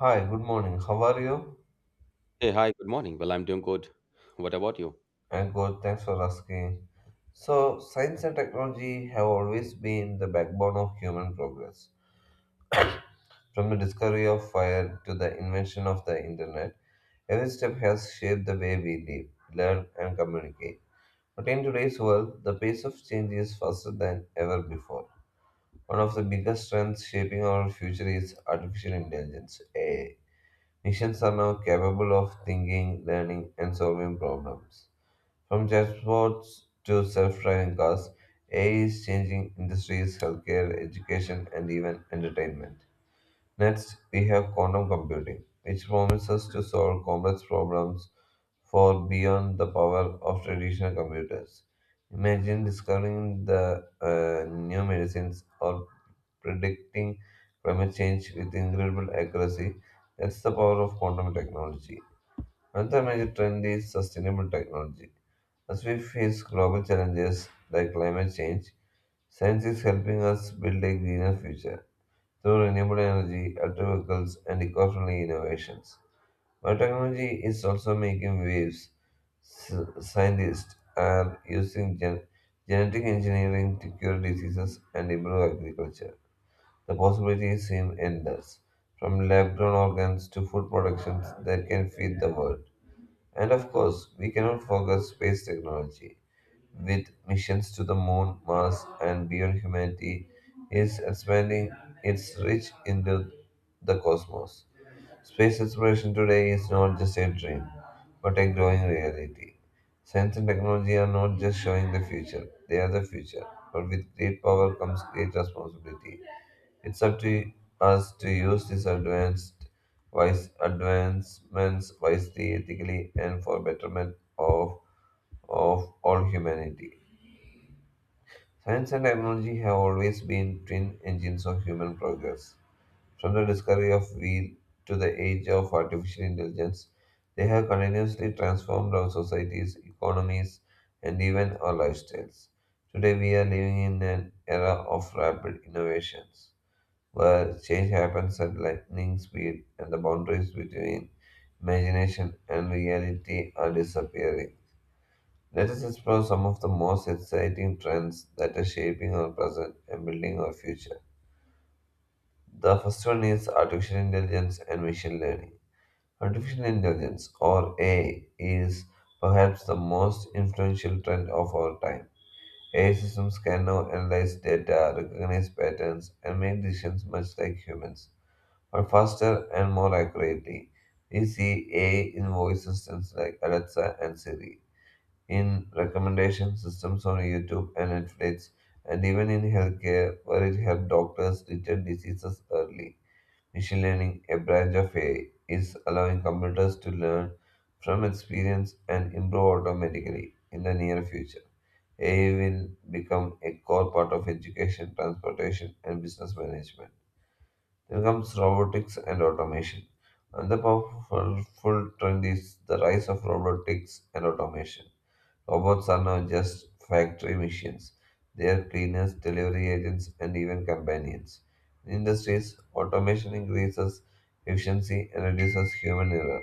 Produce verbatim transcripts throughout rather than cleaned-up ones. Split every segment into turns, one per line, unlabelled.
Hi, good morning. How are you?
Hey, hi, good morning. Well, I'm doing good. What about you?
I'm good. Thanks for asking. So, science and technology have always been the backbone of human progress. From the discovery of fire to the invention of the internet, every step has shaped the way we live, learn, and communicate. But in today's world, the pace of change is faster than ever before. One of the biggest trends shaping our future is artificial intelligence, A I. Machines are now capable of thinking, learning, and solving problems. From transports to self-driving cars, A I is changing industries, healthcare, education, and even entertainment. Next, we have quantum computing, which promises to solve complex problems for beyond the power of traditional computers. Imagine discovering the uh, new medicines or predicting climate change with incredible accuracy. That's the power of quantum technology. Another major trend is sustainable technology. As we face global challenges like climate change, science is helping us build a greener future through renewable energy, electric vehicles, and eco-friendly innovations. Biotechnology is also making waves. S- Scientists are using gen- genetic engineering to cure diseases and improve agriculture. The possibilities seem endless. From lab-grown organs to food productions that can feed the world. And of course, we cannot forget space technology. With missions to the moon, Mars, and beyond, humanity is expanding its reach into the cosmos. Space exploration today is not just a dream, but a growing reality. Science and technology are not just showing the future, they are the future. But with great power comes great responsibility. It's up to us to use these advanced wise advancements wisely, ethically, and for betterment of of all humanity. Science and technology have always been twin engines of human progress. From the discovery of wheel to the age of artificial intelligence, they have continuously transformed our societies, economies, and even our lifestyles. Today, we are living in an era of rapid innovations, where change happens at lightning speed and the boundaries between imagination and reality are disappearing. Let us explore some of the most exciting trends that are shaping our present and building our future. The first one is artificial intelligence and machine learning. Artificial intelligence, or A I, is perhaps the most influential trend of our time. A I systems can now analyze data, recognize patterns, and make decisions much like humans, but faster and more accurately. We see A I in voice systems like Alexa and Siri, in recommendation systems on YouTube and Netflix, and even in healthcare, where it helps doctors detect diseases early. Machine learning, a branch of A I, is allowing computers to learn from experience and improve automatically in the near future. A I will become a core part of education, transportation, and business management. Then comes robotics and automation. Another powerful trend is the rise of robotics and automation. Robots are not just factory machines, they are cleaners, delivery agents, and even companions. In industries, automation increases efficiency and reduces human error.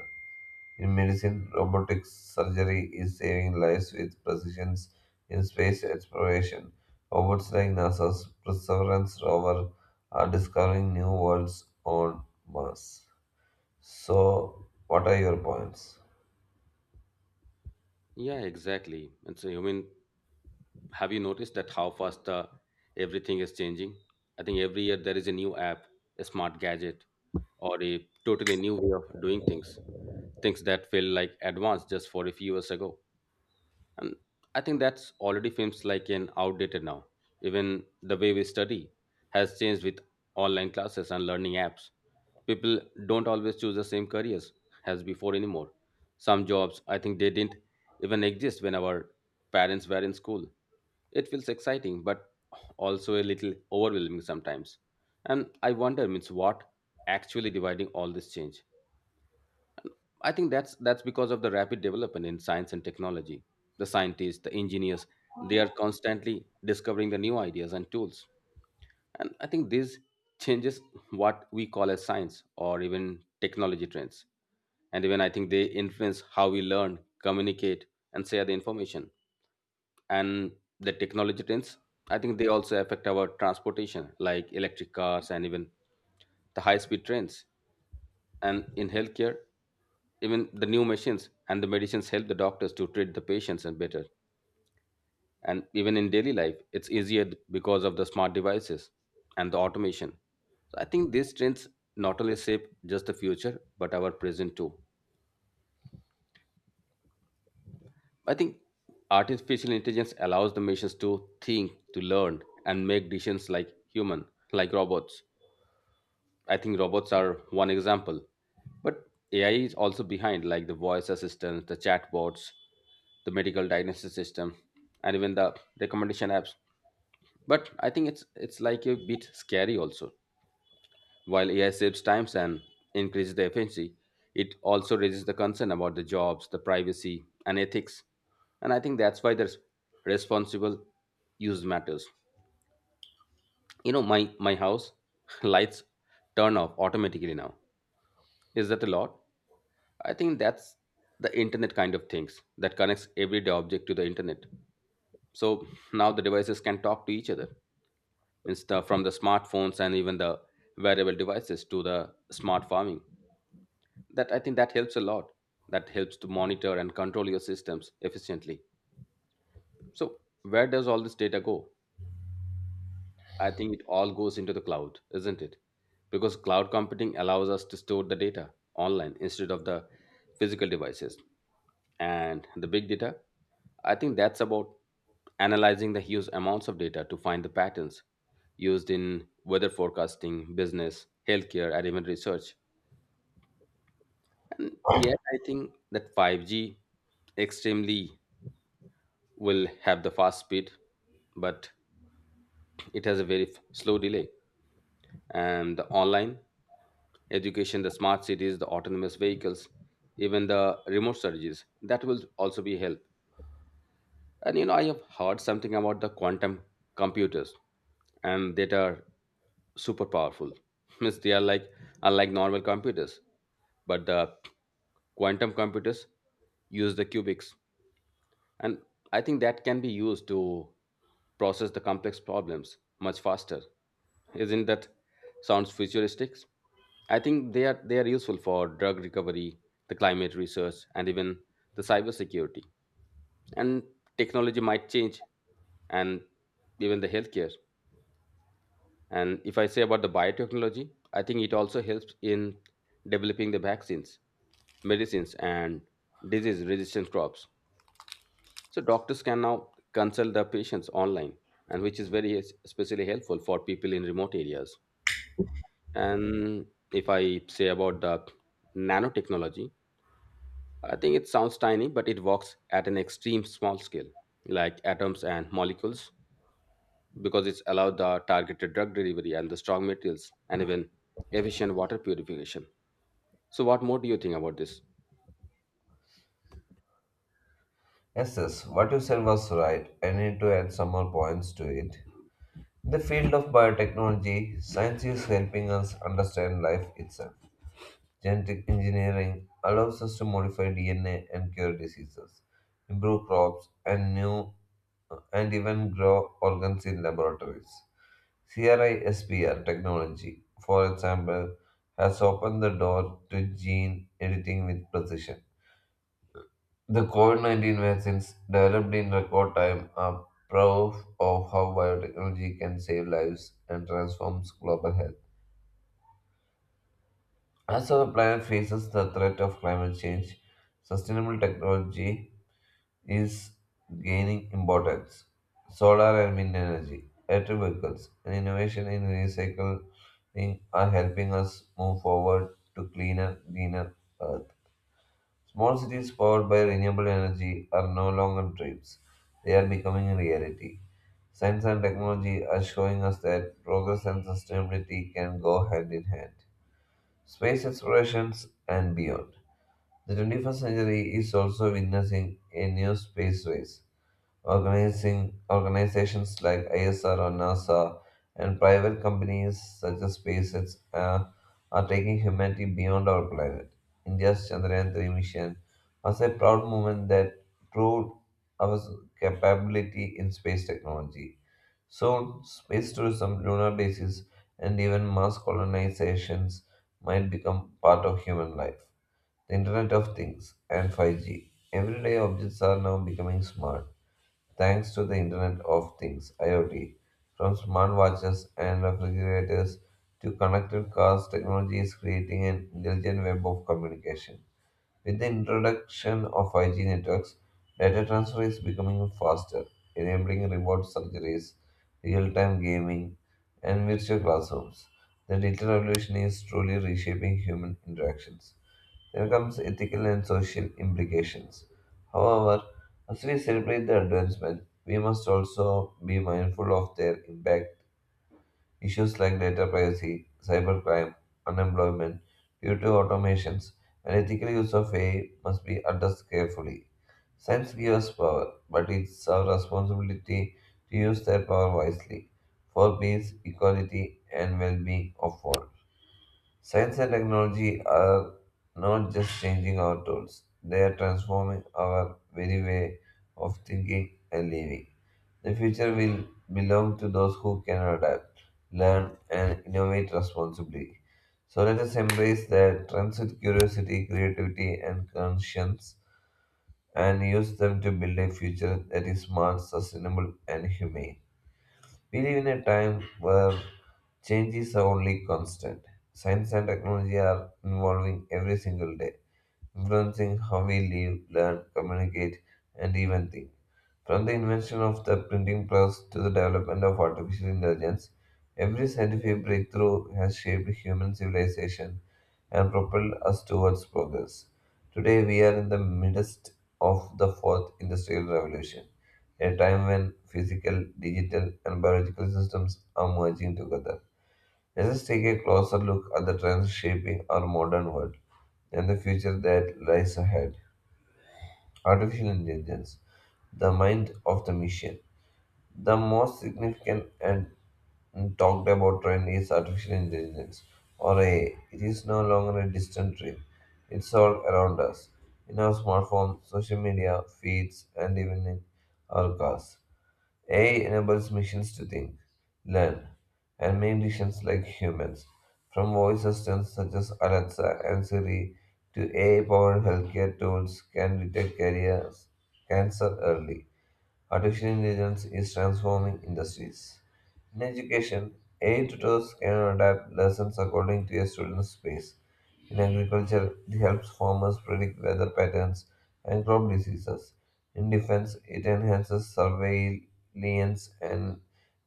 In medicine, robotic surgery is saving lives with precision in space exploration. Robots like NASA's Perseverance rover are discovering new worlds on Mars. So, what are your points?
Yeah, exactly. And so, I mean, have you noticed that how fast uh, everything is changing? I think every year there is a new app, a smart gadget, or a totally new way of doing things. Things that feel like advanced just for a few years ago. And I think that's already feels like an outdated now. Even the way we study has changed with online classes and learning apps. People don't always choose the same careers as before anymore. Some jobs, I think they didn't even exist when our parents were in school. It feels exciting, but also a little overwhelming sometimes. And I wonder, means what actually dividing all this change? I think that's that's because of the rapid development in science and technology. The scientists, the engineers, they are constantly discovering the new ideas and tools, and I think this changes what we call as science or even technology trends. And even I think they influence how we learn, communicate, and share the information. And the technology trends, I think they also affect our transportation, like electric cars and even the high speed trains. And in healthcare, even the new machines and the medicines help the doctors to treat the patients and better, and even in daily life, it's easier because of the smart devices and the automation. So I think these trends not only shape just the future, but our present too. I think artificial intelligence allows the machines to think, to learn, and make decisions like human, like robots. I think robots are one example. But A I is also behind, like the voice assistants, the chatbots, the medical diagnosis system, and even the recommendation apps. But I think it's it's like a bit scary also. While A I saves times and increases the efficiency, it also raises the concern about the jobs, the privacy, and ethics. And I think that's why the res- responsible use matters. You know, my my house lights turn off automatically now. Is that a lot? I think that's the internet kind of things that connects everyday object to the internet. So now the devices can talk to each other. Insta from the smartphones and even the wearable devices to the smart farming, that I think that helps a lot, that helps to monitor and control your systems efficiently. So where does all this data go? I think it all goes into the cloud, isn't it? Because cloud computing allows us to store the data online instead of the physical devices. And the big data, I think that's about analyzing the huge amounts of data to find the patterns, used in weather forecasting, business, healthcare, and even research. And yet I think that five G extremely will have the fast speed, but it has a very f- slow delay. And the online education, the smart cities, the autonomous vehicles, even the remote surgeries, that will also be help. And you know, I have heard something about the quantum computers, and that are super powerful. Means they are like unlike normal computers, but the quantum computers use the qubits, and I think that can be used to process the complex problems much faster. Isn't that sounds futuristic? I think they are they are useful for drug recovery, the climate research, and even the cybersecurity, and technology might change, and even the healthcare. And if I say about the biotechnology, I think it also helps in developing the vaccines, medicines, and disease resistant crops. So doctors can now consult their patients online, and which is very es- especially helpful for people in remote areas. And if I say about the nanotechnology, I think it sounds tiny but it works at an extreme small scale, like atoms and molecules, because it's allowed the targeted drug delivery and the strong materials and even efficient water purification. So, what more do you think about this?
Yes, yes, what you said was right. I need to add some more points to it. In the field of biotechnology, science is helping us understand life itself. Genetic engineering allows us to modify D N A and cure diseases, improve crops, and new and even grow organs in laboratories. CRISPR technology, for example, has opened the door to gene editing with precision. The COVID nineteen vaccines developed in record time are proof of how biotechnology can save lives and transforms global health. As our planet faces the threat of climate change, sustainable technology is gaining importance. Solar and wind energy, electric vehicles, and innovation in recycling are helping us move forward to cleaner, greener Earth. Small cities powered by renewable energy are no longer dreams, they are becoming a reality. Science and technology are showing us that progress and sustainability can go hand in hand. Space explorations and beyond. The twenty-first century is also witnessing a new space race. Organizing organizations like I S R or NASA and private companies such as SpaceX uh, are taking humanity beyond our planet. India's Chandrayaan three mission was a proud moment that proved our capability in space technology. Soon, space tourism, lunar bases, and even mass colonizations might become part of human life. The Internet of Things, and five G. Everyday objects are now becoming smart thanks to the Internet of Things, IoT. From smart watches and refrigerators to connected cars, technology is creating an intelligent web of communication. With the introduction of five G networks, data transfer is becoming faster, enabling remote surgeries, real time gaming, and virtual classrooms. The digital revolution is truly reshaping human interactions. There comes ethical and social implications. However, as we celebrate the advancement, we must also be mindful of their impact. Issues like data privacy, cybercrime, unemployment due to automations, and ethical use of A I must be addressed carefully. Science gives us power, but it's our responsibility to use that power wisely for peace, equality, and well being of all. Science and technology are not just changing our tools, they are transforming our very way of thinking and living. The future will belong to those who can adapt, learn, and innovate responsibly. So let us embrace the trends with curiosity, creativity, and conscience and use them to build a future that is smart, sustainable, and humane. We live in a time where changes are only constant. Science and technology are evolving every single day, influencing how we live, learn, communicate, and even think. From the invention of the printing press to the development of artificial intelligence, every scientific breakthrough has shaped human civilization and propelled us towards progress. Today, we are in the midst of the fourth industrial revolution, a time when physical, digital, and biological systems are merging together. Let us take a closer look at the trends shaping our modern world and the future that lies ahead. Artificial intelligence, the mind of the machine. The most significant and talked about trend is artificial intelligence, or A I. It is no longer a distant dream. It's all around us, in our smartphones, social media, feeds, and even in our cars. A I enables machines to think, learn, and make decisions like humans. From voice assistants such as Alexa and Siri to A I-powered healthcare tools can detect careers, cancer early. Artificial intelligence is transforming industries. In education, A I tutors can adapt lessons according to a student's pace. In agriculture, it helps farmers predict weather patterns and crop diseases. In defense, it enhances surveillance and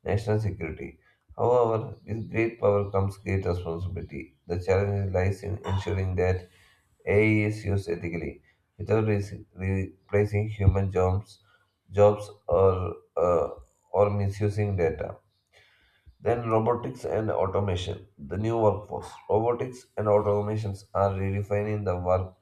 national security. However, with great power comes great responsibility. The challenge lies in ensuring that A I is used ethically, without re- replacing human jobs, jobs or uh, or misusing data. Then robotics and automation, the new workforce. Robotics and automations are redefining the work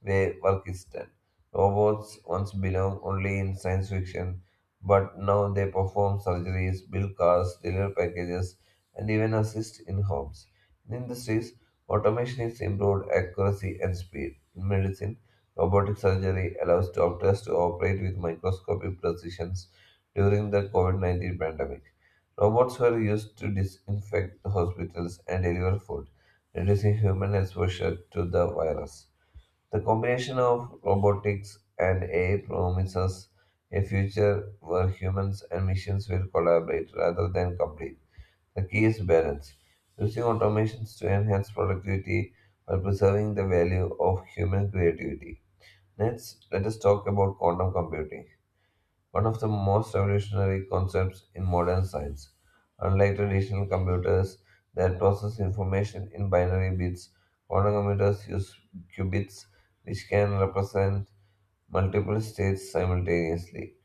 where work is done. Robots once belonged only in science fiction, but now they perform surgeries, build cars, deliver packages, and even assist in homes. In industries, automation has improved accuracy and speed. In medicine, robotic surgery allows doctors to operate with microscopic precisions during the COVID nineteen pandemic. Robots were used to disinfect hospitals and deliver food, reducing human exposure to the virus. The combination of robotics and A I promises a future where humans and machines will collaborate rather than compete. The key is balance, using automations to enhance productivity while preserving the value of human creativity. Next, let us talk about quantum computing, one of the most revolutionary concepts in modern science. Unlike traditional computers that process information in binary bits, quantum computers use qubits, which can represent multiple states simultaneously.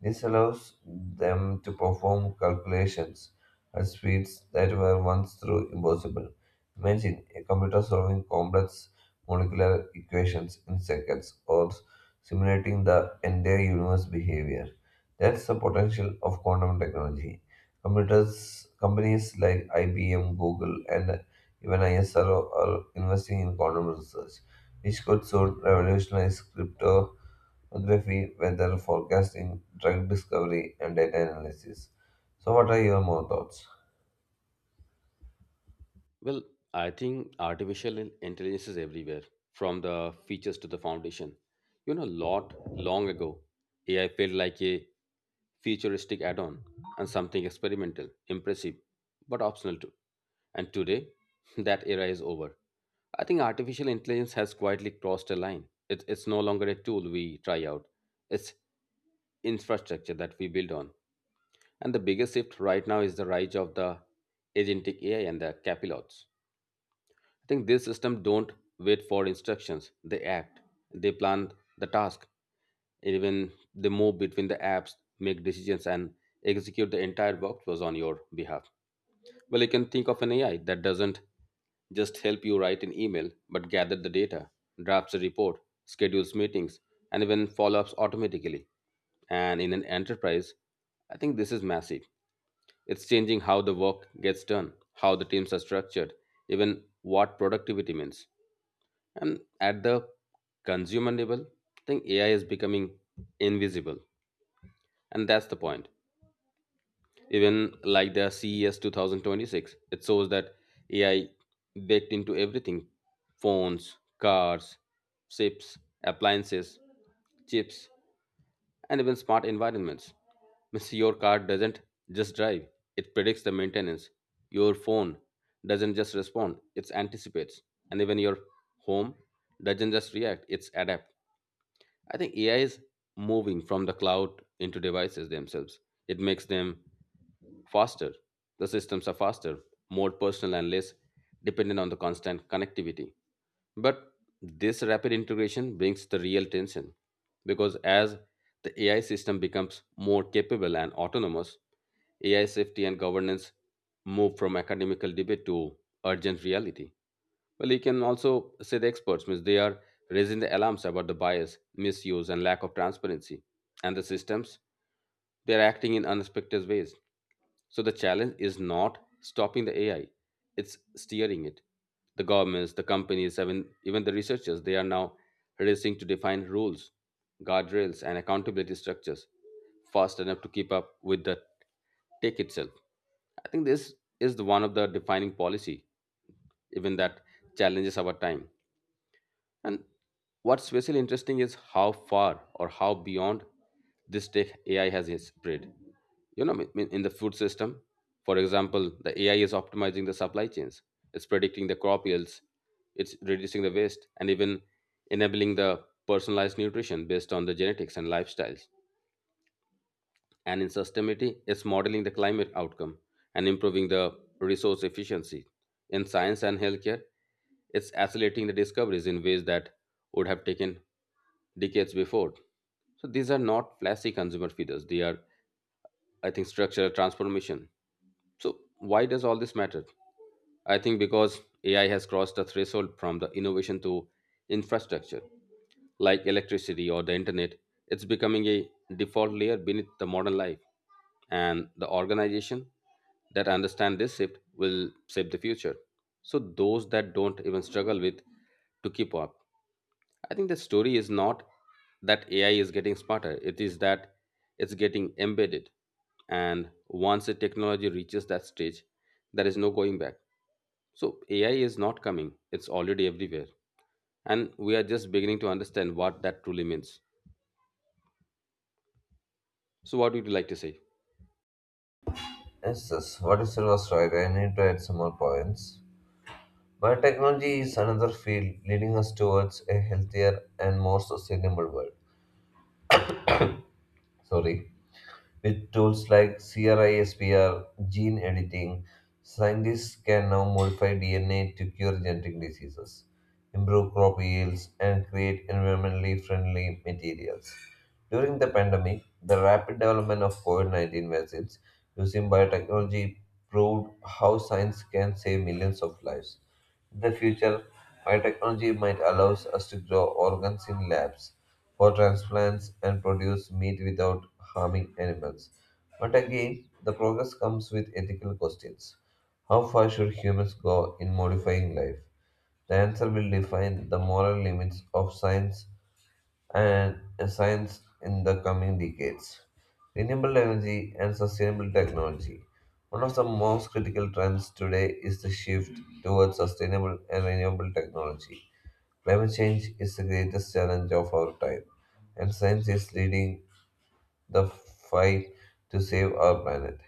This allows them to perform calculations at speeds that were once thought impossible. Imagine a computer solving complex molecular equations in seconds or simulating the entire universe behavior. That's the potential of quantum technology. Computers, companies like I B M, Google, and even ISRO are investing in quantum research, which could soon revolutionize cryptography, weather forecasting, drug discovery, and data analysis. So, what are your more thoughts?
Well, I think artificial in- intelligence is everywhere, from the features to the foundation. You know, lot long ago, A I felt like a futuristic add on, and something experimental, impressive, but optional too. And today, that era is over. I think artificial intelligence has quietly crossed a line. It, it's no longer a tool we try out, it's infrastructure that we build on. And the biggest shift right now is the rise of the agentic A I and the capilots. I think these systems don't wait for instructions. They act. They plan the task. Even they move between the apps, make decisions, and execute the entire workflows on your behalf. Well, you can think of an A I that doesn't just help you write an email, but gather the data, drafts a report, schedules meetings, and even follow-ups automatically. And in an enterprise, I think this is massive. It's changing how the work gets done, how the teams are structured, even what productivity means. And at the consumer level, I think A I is becoming invisible. And that's the point. Even like the C E S two thousand twenty-six, it shows that A I baked into everything, phones, cars, chips, appliances, chips, and even smart environments. Means your car doesn't just drive, it predicts the maintenance. Your phone doesn't just respond, it anticipates. And even your home doesn't just react, it's adapt. I think A I is moving from the cloud into devices themselves. It makes them faster. The systems are faster, more personal, and less dependent on the constant connectivity. But this rapid integration brings the real tension, because as the A I system becomes more capable and autonomous, A I safety and governance move from academical debate to urgent reality. Well, you can also say the experts, means they are raising the alarms about the bias, misuse, and lack of transparency. And the systems, they are acting in unexpected ways. So the challenge is not stopping the A I, it's steering it. The governments, the companies, even, even the researchers, they are now racing to define rules, guardrails, and accountability structures fast enough to keep up with the tech itself. I think this is the one of the defining policy, even that challenges our time. And what's special interesting is how far or how beyond this tech A I has spread. You know, I mean, in the food system, for example, the A I is optimizing the supply chains. It's predicting the crop yields. It's reducing the waste and even enabling the personalized nutrition based on the genetics and lifestyles. And in sustainability, it's modeling the climate outcome and improving the resource efficiency. In science and healthcare, it's accelerating the discoveries in ways that would have taken decades before. So these are not flashy consumer feeders, they are, I think, structural transformation. So why does all this matter? I think because AI has crossed the threshold from the innovation to infrastructure, like electricity or the internet. It's becoming a default layer beneath the modern life. And the organization that understand this shift will shape the future, so those that don't even struggle with to keep up. I think the story is not that AI is getting smarter, it is that it's getting embedded. And once the technology reaches that stage, there is no going back. So AI is not coming, it's already everywhere, and we are just beginning to understand what that truly means. So what would you like to say?
Yes, yes. What you said was right. I need to add some more points. Biotechnology is another field leading us towards a healthier and more sustainable world. Sorry. With tools like CRISPR gene editing, scientists can now modify D N A to cure genetic diseases, improve crop yields, and create environmentally friendly materials. During the pandemic, the rapid development of COVID nineteen vaccines using biotechnology proved how science can save millions of lives. In the future, biotechnology might allow us to grow organs in labs for transplants and produce meat without harming animals. But again, the progress comes with ethical questions. How far should humans go in modifying life? The answer will define the moral limits of science and science in the coming decades. Renewable energy and sustainable technology. One of the most critical trends today is the shift towards sustainable and renewable technology. Climate change is the greatest challenge of our time, and science is leading the fight to save our planet.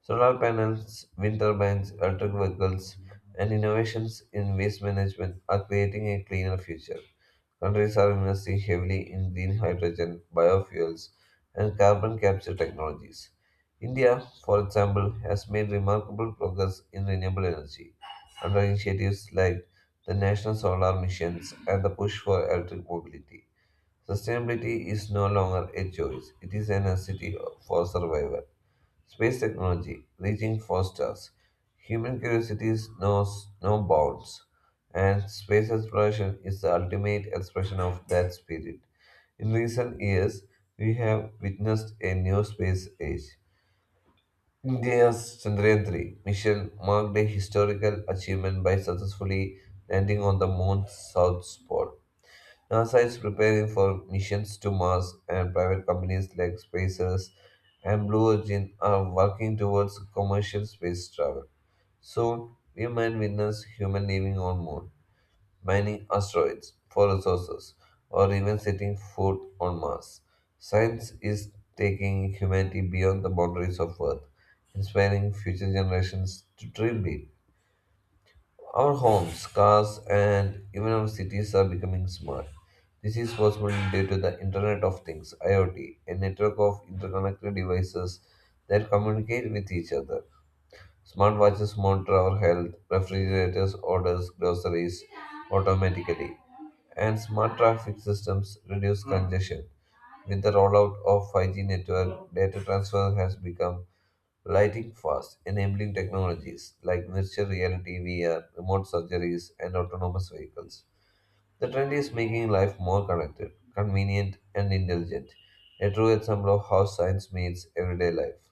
Solar panels, wind turbines, electric vehicles, and innovations in waste management are creating a cleaner future. Countries are investing heavily in green hydrogen, biofuels, and carbon capture technologies. India, for example, has made remarkable progress in renewable energy under initiatives like the National Solar Missions and the push for electric mobility. Sustainability is no longer a choice, it is a necessity for survival. Space technology, reaching for stars. Human curiosity knows no no bounds, and space exploration is the ultimate expression of that spirit. In recent years, we have witnessed a new space age. India's Chandrayaan three mission marked a historical achievement by successfully landing on the moon's south pole. NASA is preparing for missions to Mars, and private companies like SpaceX and Blue Origin are working towards commercial space travel. Soon, we might witness human living on Moon, mining asteroids for resources, or even setting foot on Mars. Science is taking humanity beyond the boundaries of Earth, inspiring future generations to dream big. Our homes, cars, and even our cities are becoming smart. This is possible due to the Internet of Things (IoT), a network of interconnected devices that communicate with each other. Smart watches monitor our health, refrigerators order groceries automatically, and smart traffic systems reduce congestion. With the rollout of five G network, data transfer has become lighting fast, enabling technologies like virtual reality, V R, remote surgeries, and autonomous vehicles. The trend is making life more connected, convenient, and intelligent, a true example of how science meets everyday life.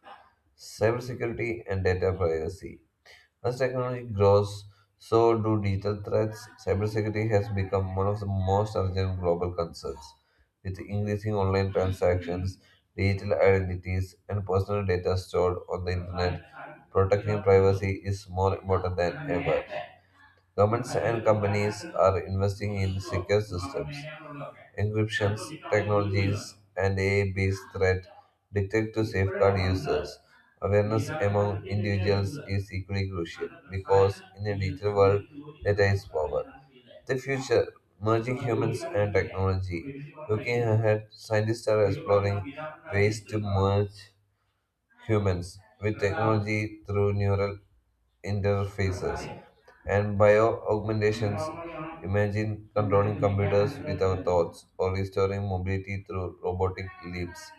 Cybersecurity and data privacy. As technology grows, so do digital threats. Cybersecurity has become one of the most urgent global concerns. With increasing online transactions, digital identities, and personal data stored on the internet, protecting privacy is more important than ever. Governments and companies are investing in secure systems. Encryptions technologies and A I-based threat detect to safeguard users. Awareness among individuals is equally crucial because in a digital world, data is power. The future, merging humans and technology. Looking ahead, scientists are exploring ways to merge humans with technology through neural interfaces and bio augmentations. Imagine controlling computers with our thoughts or restoring mobility through robotic limbs.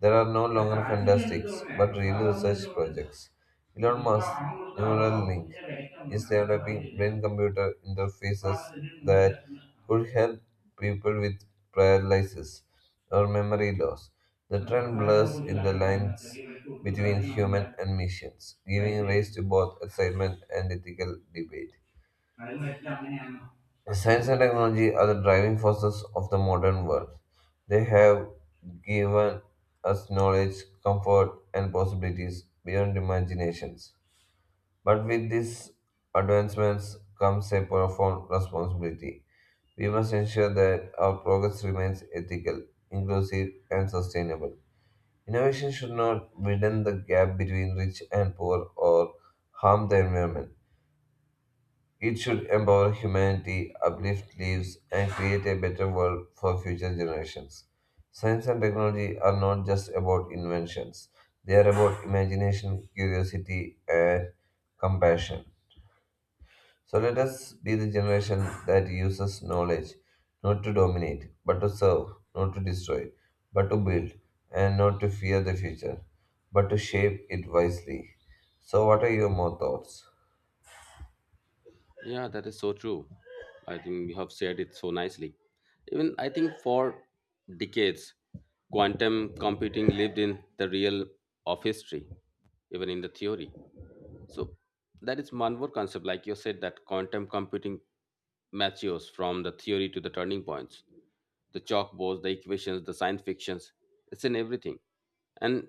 There are no longer fantastics, but real research projects. Elon Musk's Neuralink is developing brain-computer interfaces that could help people with paralysis or memory loss. The trend blurs in the lines between human and machines, giving rise to both excitement and ethical debate. Science and technology are the driving forces of the modern world. They have given us knowledge, comfort, and possibilities beyond imaginations. But with these advancements comes a profound responsibility. We must ensure that our progress remains ethical, inclusive, and sustainable. Innovation should not widen the gap between rich and poor or harm the environment. It should empower humanity, uplift lives, and create a better world for future generations. Science and technology are not just about inventions, they are about imagination, curiosity, and compassion. So let us be the generation that uses knowledge not to dominate, but to serve, not to destroy, but to build, and not to fear the future, but to shape it wisely. So, what are your more thoughts?
Yeah, that is so true. I think you have said it so nicely. Even I think for decades, quantum computing lived in the real of history, even in the theory. So that is one more concept, like you said, that quantum computing matures from the theory to the turning points, the chalkboards, the equations, the science fictions. It's in everything. And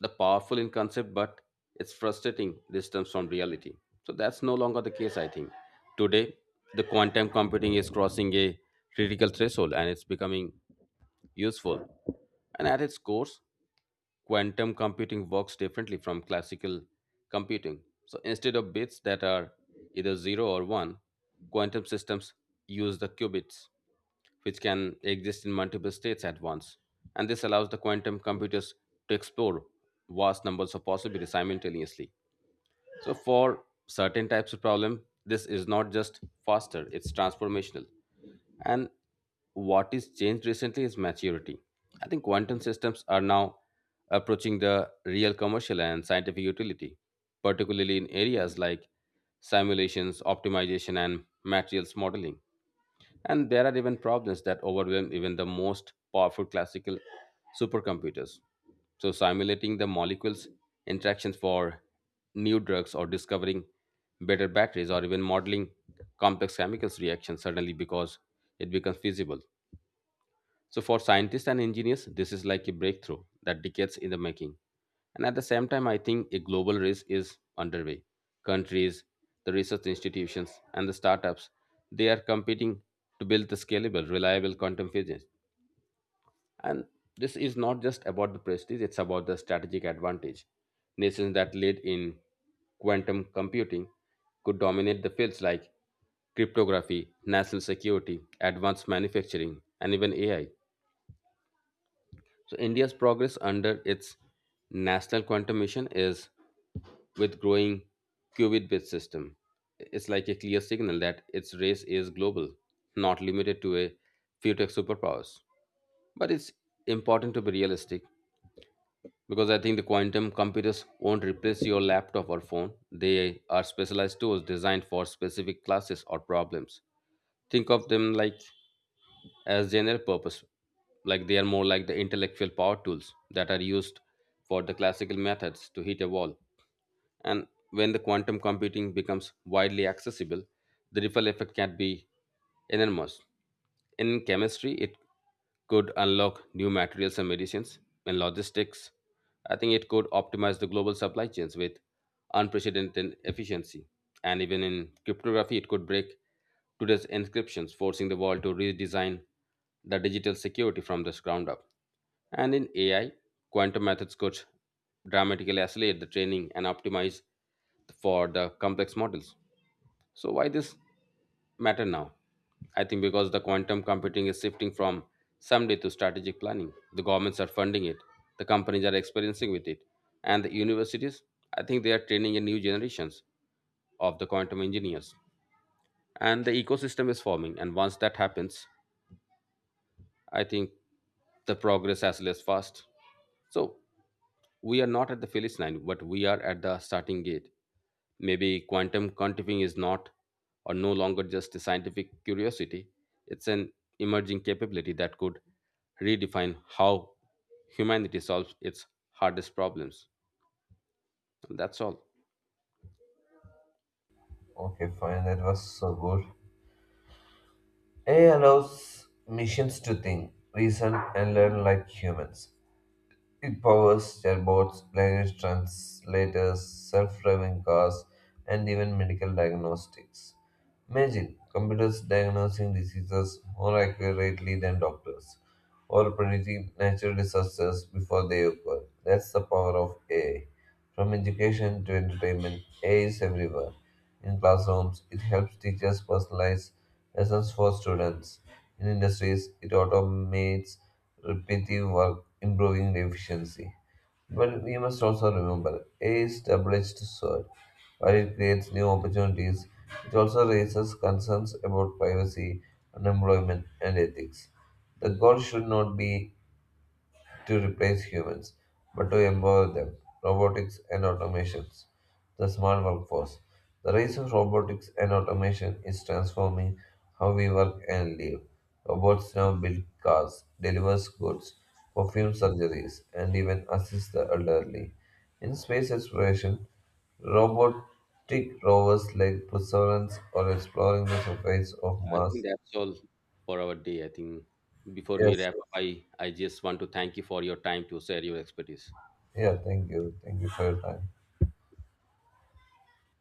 the powerful in concept, but it's frustrating distance from reality. So that's no longer the case, I think. Today, the quantum computing is crossing a critical threshold and it's becoming useful. And at its core, quantum computing works differently from classical computing. So instead of bits that are either zero or one, quantum systems use the qubits, which can exist in multiple states at once. And this allows the quantum computers to explore vast numbers of possibilities simultaneously. So for certain types of problem, this is not just faster, it's transformational. And what is changed recently is maturity. I think quantum systems are now approaching the real commercial and scientific utility, particularly in areas like simulations, optimization, and materials modeling. And there are even problems that overwhelm even the most powerful classical supercomputers. So, simulating the molecules' interactions for new drugs, or discovering better batteries, or even modeling complex chemicals reactions suddenly because it becomes feasible. So, for scientists and engineers, this is like a breakthrough that decades in the making. And at the same time, I think a global race is underway. Countries, the research institutions, and the startups, they are competing to build the scalable, reliable quantum physics. And this is not just about the prestige, it's about the strategic advantage. Nations that lead in quantum computing could dominate the fields like cryptography, national security, advanced manufacturing, and even A I. So India's progress under its national quantum mission is with growing qubit based system. It's like a clear signal that its race is global, not limited to a few tech superpowers. But it's important to be realistic, because I think the quantum computers won't replace your laptop or phone. They are specialized tools designed for specific classes or problems. Think of them like as general purpose, like they are more like the intellectual power tools that are used for the classical methods to hit a wall. And when the quantum computing becomes widely accessible, the ripple effect can be enormous. In chemistry, it could unlock new materials and medicines. In logistics, I think it could optimize the global supply chains with unprecedented efficiency. And even in cryptography, it could break today's encryptions, forcing the world to redesign the digital security from the ground up. And in A I, quantum methods could dramatically accelerate the training and optimize for the complex models. So why this matter now? I think because the quantum computing is shifting from someday to strategic planning. The governments are funding it, the companies are experiencing with it, and the universities, I think they are training a new generations of the quantum engineers. And the ecosystem is forming, and once that happens, I think the progress as less fast. So we are not at the finish line, but we are at the starting gate. Maybe quantum computing is not or no longer just a scientific curiosity, it's an emerging capability that could redefine how humanity solves its hardest problems. That's all.
Okay, fine, that was so good. A I allows machines to think, reason, and learn like humans. It powers chatbots, language translators, self driving cars, and even medical diagnostics. Imagine computers diagnosing diseases more accurately than doctors or predicting natural disasters before they occur. That's the power of A I. From education to entertainment, A I is everywhere. In classrooms, it helps teachers personalize lessons for students. In industries, it automates repetitive work, improving the efficiency. But we must also remember, A I is double-edged sword. While it creates new opportunities, it also raises concerns about privacy, unemployment, and ethics. The goal should not be to replace humans, but to empower them, robotics and automations. The smart workforce. The rise of robotics and automation is transforming how we work and live. Robots now build cars, deliver goods, perform surgeries, and even assist the elderly. In space exploration, robotic rovers like Perseverance are exploring the surface of
I think
Mars.
that's all for our day. I think before we
Yes,
wrap up, I, I just want to thank you for your time to share your expertise.
yeah, thank you. Thank you for your time.